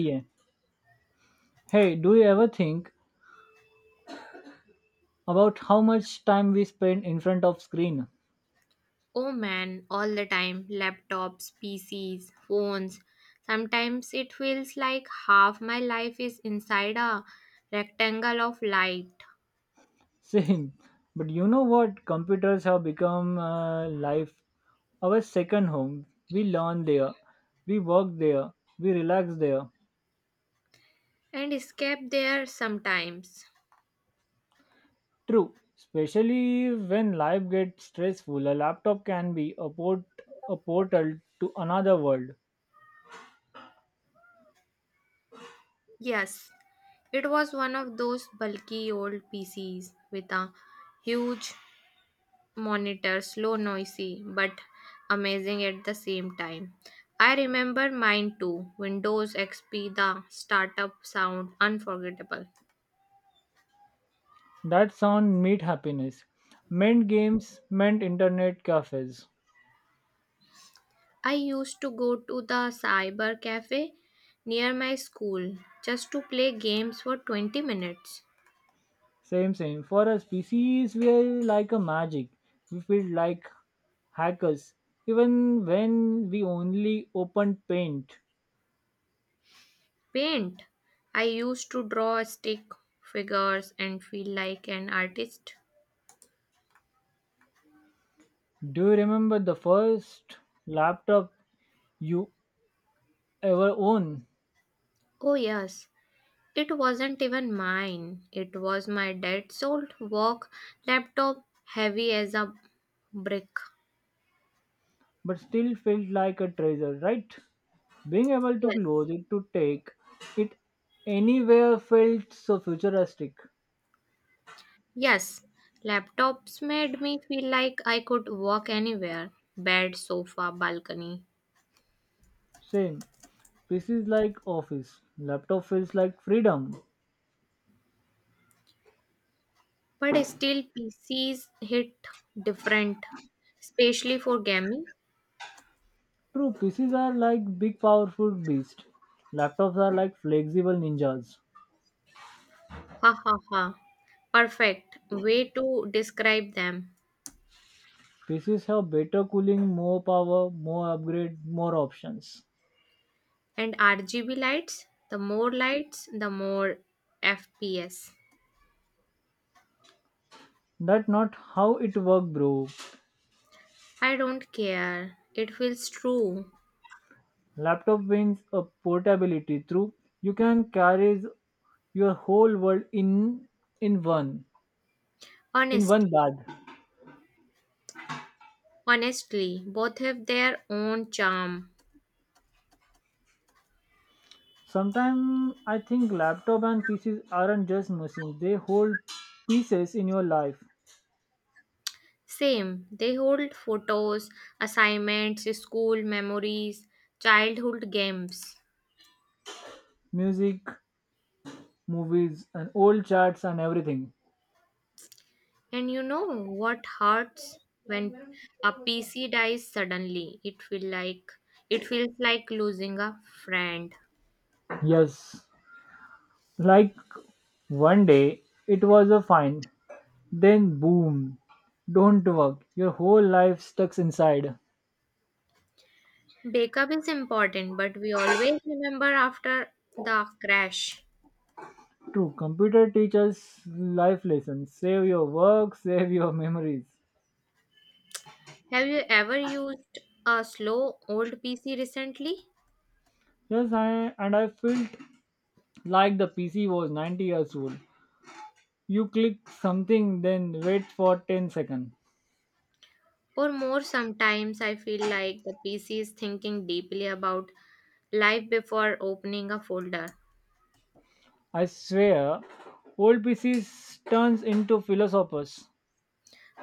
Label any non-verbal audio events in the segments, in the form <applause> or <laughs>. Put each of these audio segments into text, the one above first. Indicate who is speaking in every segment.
Speaker 1: Yeah. Hey, do you ever think about how much time we spend in front of screen?
Speaker 2: Oh man, all the time laptops, PCs, phones. Sometimes it feels like half my life is inside a rectangle of light
Speaker 1: <laughs> Same. But you know what? Computers have become life our second home. We learn there, we work there, we relax there.
Speaker 2: and escape there sometimes.
Speaker 1: True. Especially when life gets stressful, a laptop can be a portal to another world.
Speaker 2: Yes, it was one of those bulky old PCs with a huge monitor, slow, noisy, but amazing at the same time. I remember mine too Windows XP, the startup sound, unforgettable.
Speaker 1: That sound meet happiness. Meant games, meant internet cafes.
Speaker 2: I used to go to the cyber cafe near my school just to play games for 20 minutes.
Speaker 1: Same, same. For a species, we're like a magic. We feel like hackers, even when we only opened Paint.
Speaker 2: Paint. I used to draw stick figures and feel like an artist.
Speaker 1: Do you remember the first laptop you ever owned,
Speaker 2: Oh, yes. It wasn't even mine. It was my dad's old work laptop, heavy as a brick.
Speaker 1: but still felt like a treasure, right? Being able to
Speaker 2: Yes.
Speaker 1: close it, to take it anywhere felt so futuristic.
Speaker 2: Yes. Laptops made me feel like I could walk anywhere bed, sofa, balcony.
Speaker 1: Same. This is like office. Laptop feels like freedom.
Speaker 2: But still, PCs hit different, especially for gaming.
Speaker 1: True, PCs are like big powerful beasts. Laptops are like flexible ninjas.
Speaker 2: Ha ha ha. Perfect way to describe them.
Speaker 1: PCs have better cooling, more power, more upgrade, more options.
Speaker 2: And RGB lights, the more FPS.
Speaker 1: That's not how it works, bro.
Speaker 2: I don't care. It feels true.
Speaker 1: Laptop wins a portability through you can carry your whole world in one in
Speaker 2: Honestly,
Speaker 1: one bag.
Speaker 2: honestly, both have their own charm.
Speaker 1: Sometimes I think laptop and PCs aren't just machines; they hold pieces in your life,
Speaker 2: Same, they hold photos, assignments, school memories, childhood games.
Speaker 1: music, movies and old charts and everything.
Speaker 2: And you know what hurts when a PC dies suddenly? It feels like losing a friend.
Speaker 1: Yes, like one day it was a fine, then boom, don't work. Your whole life stuck inside.
Speaker 2: Backup is important, but we always remember after the crash.
Speaker 1: True, computer teaches life lessons. Save your work, save your memories.
Speaker 2: Have you ever used a slow old PC recently?
Speaker 1: Yes, I felt like the PC was 90 years old. You click something, then wait for 10 seconds.
Speaker 2: Or more sometimes I feel like the PC is thinking deeply about life before opening a folder.
Speaker 1: I swear, old PCs turns into philosophers.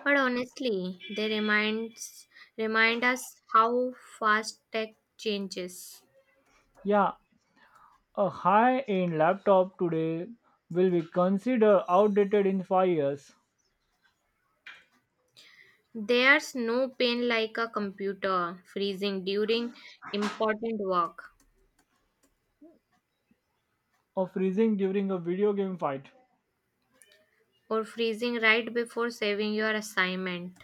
Speaker 2: But honestly, they remind us how fast tech changes.
Speaker 1: Yeah, a high-end laptop today will be considered outdated in 5 years
Speaker 2: There's no pain like a computer freezing during important work
Speaker 1: or freezing during a video game fight.
Speaker 2: or freezing right before saving your assignment.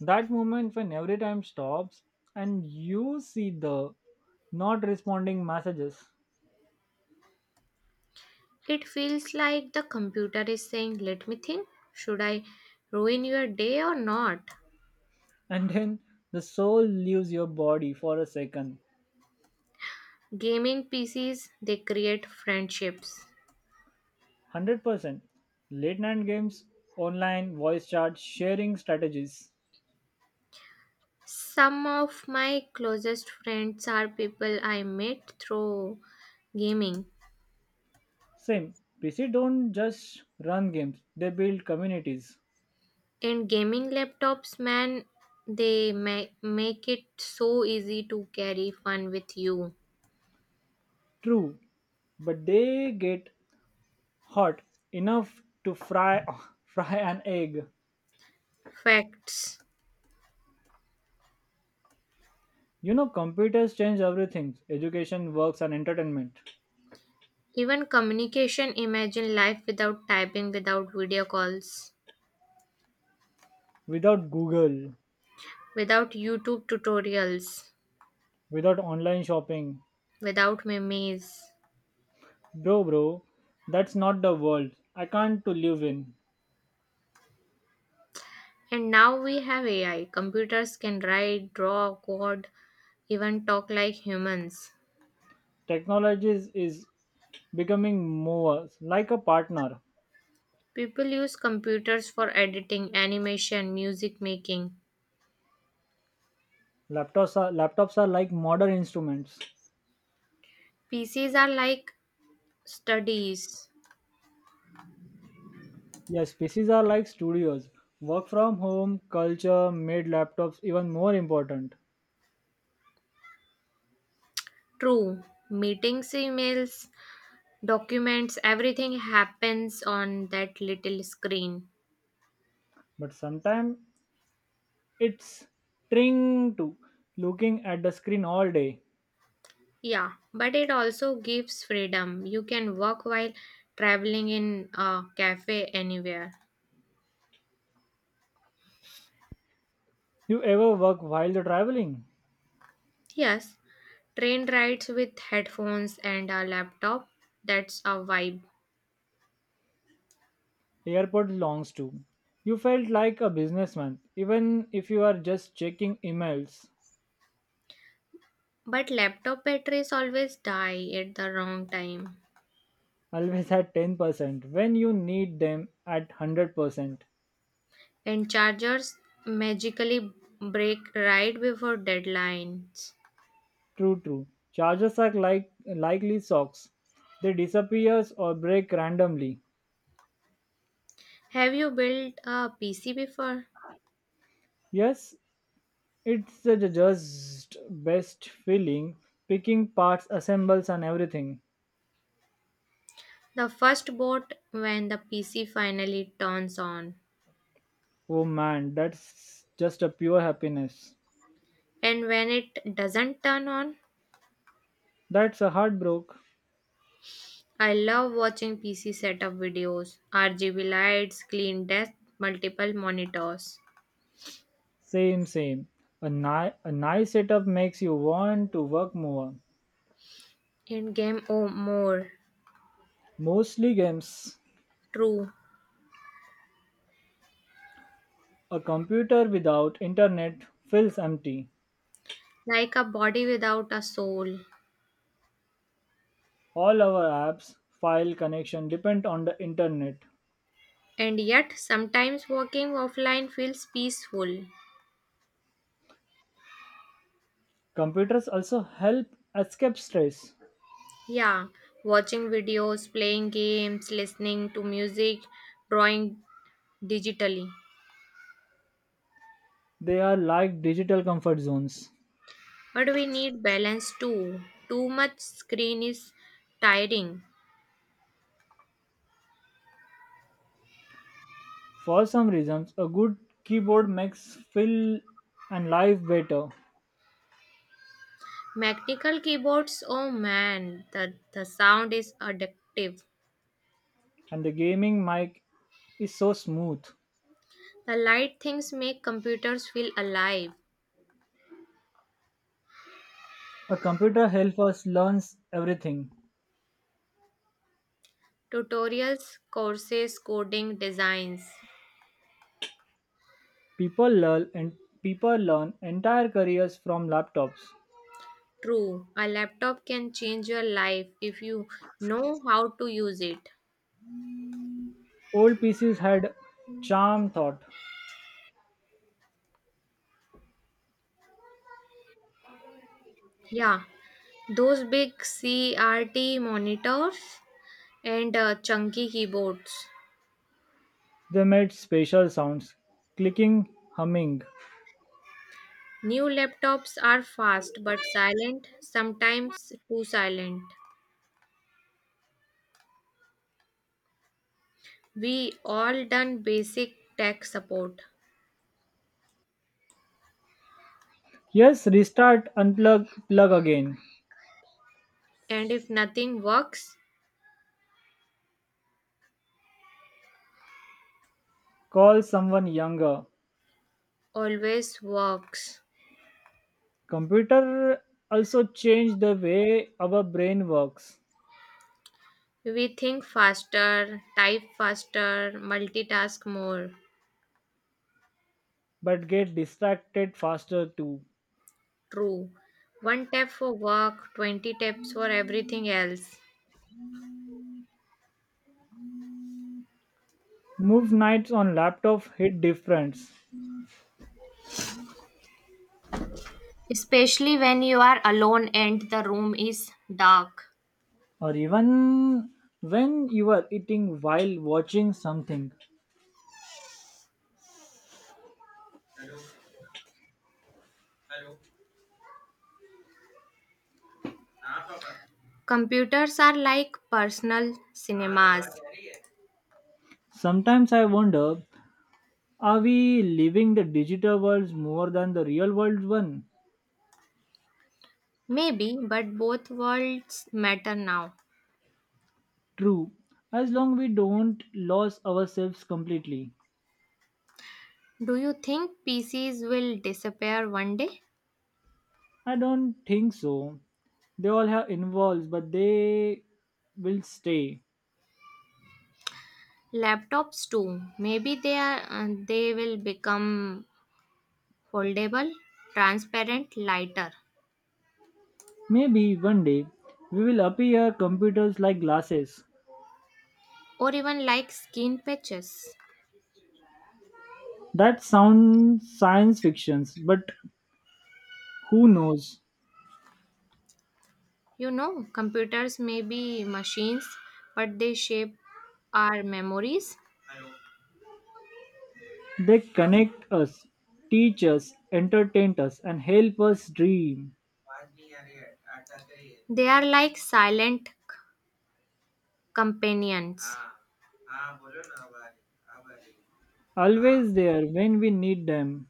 Speaker 1: That moment when every time stops and you see the not responding messages.
Speaker 2: It feels like the computer is saying, "Let me think. Should I ruin your day or not?"
Speaker 1: <laughs> And then the soul leaves your body for a second.
Speaker 2: Gaming PCs they create friendships.
Speaker 1: 100% late night games, online voice chat, sharing strategies.
Speaker 2: Some of my closest friends are people I met through gaming.
Speaker 1: Same, PC don't just run games, they build communities.
Speaker 2: And gaming laptops, man, they make it so easy to carry fun with you.
Speaker 1: True, but they get hot enough to fry <laughs> fry an egg.
Speaker 2: Facts.
Speaker 1: You know, computers change everything, education, works, and entertainment.
Speaker 2: Even communication, imagine life without typing, without video calls,
Speaker 1: Without google,
Speaker 2: without YouTube tutorials,
Speaker 1: without online shopping.
Speaker 2: without memes.
Speaker 1: Bro, that's not the world I can't to live in.
Speaker 2: And now we have AI. Computers can write, draw, code, even talk like humans.
Speaker 1: Technologies is becoming more like a partner.
Speaker 2: People use computers for editing, animation, music making.
Speaker 1: Laptops are like modern instruments.
Speaker 2: PCs are like studies.
Speaker 1: Yes, PCs are like studios. Work from home culture made laptops even more important.
Speaker 2: True. Meetings, emails, documents, everything happens on that little screen.
Speaker 1: But sometimes it's trying to looking at the screen all day.
Speaker 2: Yeah, but it also gives freedom. You can work while traveling in a cafe anywhere.
Speaker 1: You ever work while you're traveling?
Speaker 2: Yes, train rides with headphones and a laptop. That's a vibe.
Speaker 1: Airport longs to. You felt like a businessman, even if you are just checking emails.
Speaker 2: But laptop batteries always die at the wrong time.
Speaker 1: Always at 10% when you need them at 100%.
Speaker 2: And chargers magically break right before deadlines.
Speaker 1: True, true. Chargers are like likely socks. They disappears or break randomly.
Speaker 2: Have you built a PC before?
Speaker 1: Yes, it's the just best feeling. Picking parts, assembles, and everything.
Speaker 2: The first boot when the PC finally turns on.
Speaker 1: Oh man, that's just a pure happiness.
Speaker 2: And when it doesn't turn on,
Speaker 1: That's a heartbroken.
Speaker 2: I love watching PC setup videos, RGB lights, clean desk, multiple monitors,
Speaker 1: Same, same. A nice setup makes you want to work more.
Speaker 2: and game oh more.
Speaker 1: Mostly games.
Speaker 2: True,
Speaker 1: A computer without internet feels empty.
Speaker 2: like a body without a soul.
Speaker 1: All our apps, file connection depend on the internet.
Speaker 2: And yet, sometimes walking offline feels peaceful.
Speaker 1: Computers also help escape stress.
Speaker 2: Yeah, watching videos, playing games, listening to music, drawing digitally.
Speaker 1: They are like digital comfort zones.
Speaker 2: But we need balance too. Too much screen is tiring.
Speaker 1: For some reasons, a good keyboard makes feel and life better.
Speaker 2: Mechanical keyboards, oh man, the sound is addictive.
Speaker 1: And the gaming mic is so smooth.
Speaker 2: The light things make computers feel alive.
Speaker 1: A computer helps us learn everything.
Speaker 2: Tutorials, courses, coding, designs.
Speaker 1: People learn and people learn entire careers from laptops.
Speaker 2: True, a laptop can change your life if you know how to use it.
Speaker 1: Old PCs had charm thought.
Speaker 2: Yeah, those big CRT monitors and chunky keyboards.
Speaker 1: They made special sounds, clicking, humming.
Speaker 2: New laptops are fast but silent, sometimes too silent. We all done basic tech support.
Speaker 1: Yes, restart, unplug, plug again.
Speaker 2: And if nothing works,
Speaker 1: Call someone younger.
Speaker 2: always works.
Speaker 1: Computer also changed the way our brain works,
Speaker 2: We think faster, type faster, multitask more.
Speaker 1: but get distracted faster too.
Speaker 2: True. One tap for work, 20 taps for everything else.
Speaker 1: Move nights on laptop hit different,
Speaker 2: Especially when you are alone and the room is dark.
Speaker 1: or even when you are eating while watching something.
Speaker 2: Computers are like personal cinemas.
Speaker 1: Sometimes I wonder, are we living the digital world more than the real world one?
Speaker 2: Maybe, but both worlds matter now.
Speaker 1: True, as long we don't lose ourselves completely.
Speaker 2: Do you think PCs will disappear one day?
Speaker 1: I don't think so. They all have involves, but they will stay.
Speaker 2: Laptops too. Maybe they are they will become foldable, transparent, lighter,
Speaker 1: Maybe one day we will appear computers like glasses.
Speaker 2: or even like skin patches.
Speaker 1: That sounds science fictions, but who knows?
Speaker 2: You know, computers may be machines, but they shape our memories.
Speaker 1: They connect us, teach us, entertain us, and help us dream.
Speaker 2: They are like silent companions.
Speaker 1: Always there when we need them.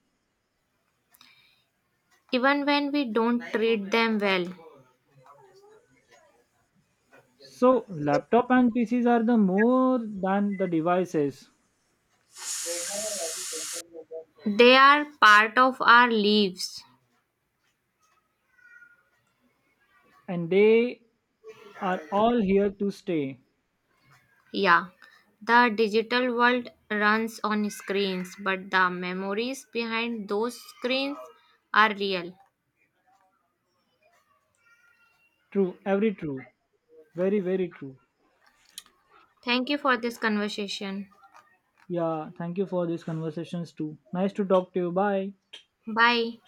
Speaker 2: Even when we don't treat them well,
Speaker 1: So, laptop and PCs are the more than the devices,
Speaker 2: they are part of our lives.
Speaker 1: and they are all here to stay.
Speaker 2: Yeah, the digital world runs on screens, but the memories behind those screens are real.
Speaker 1: True, every true, very very true.
Speaker 2: Thank you for this conversation.
Speaker 1: Yeah, thank you for these conversations too. Nice to talk to you. Bye.
Speaker 2: Bye.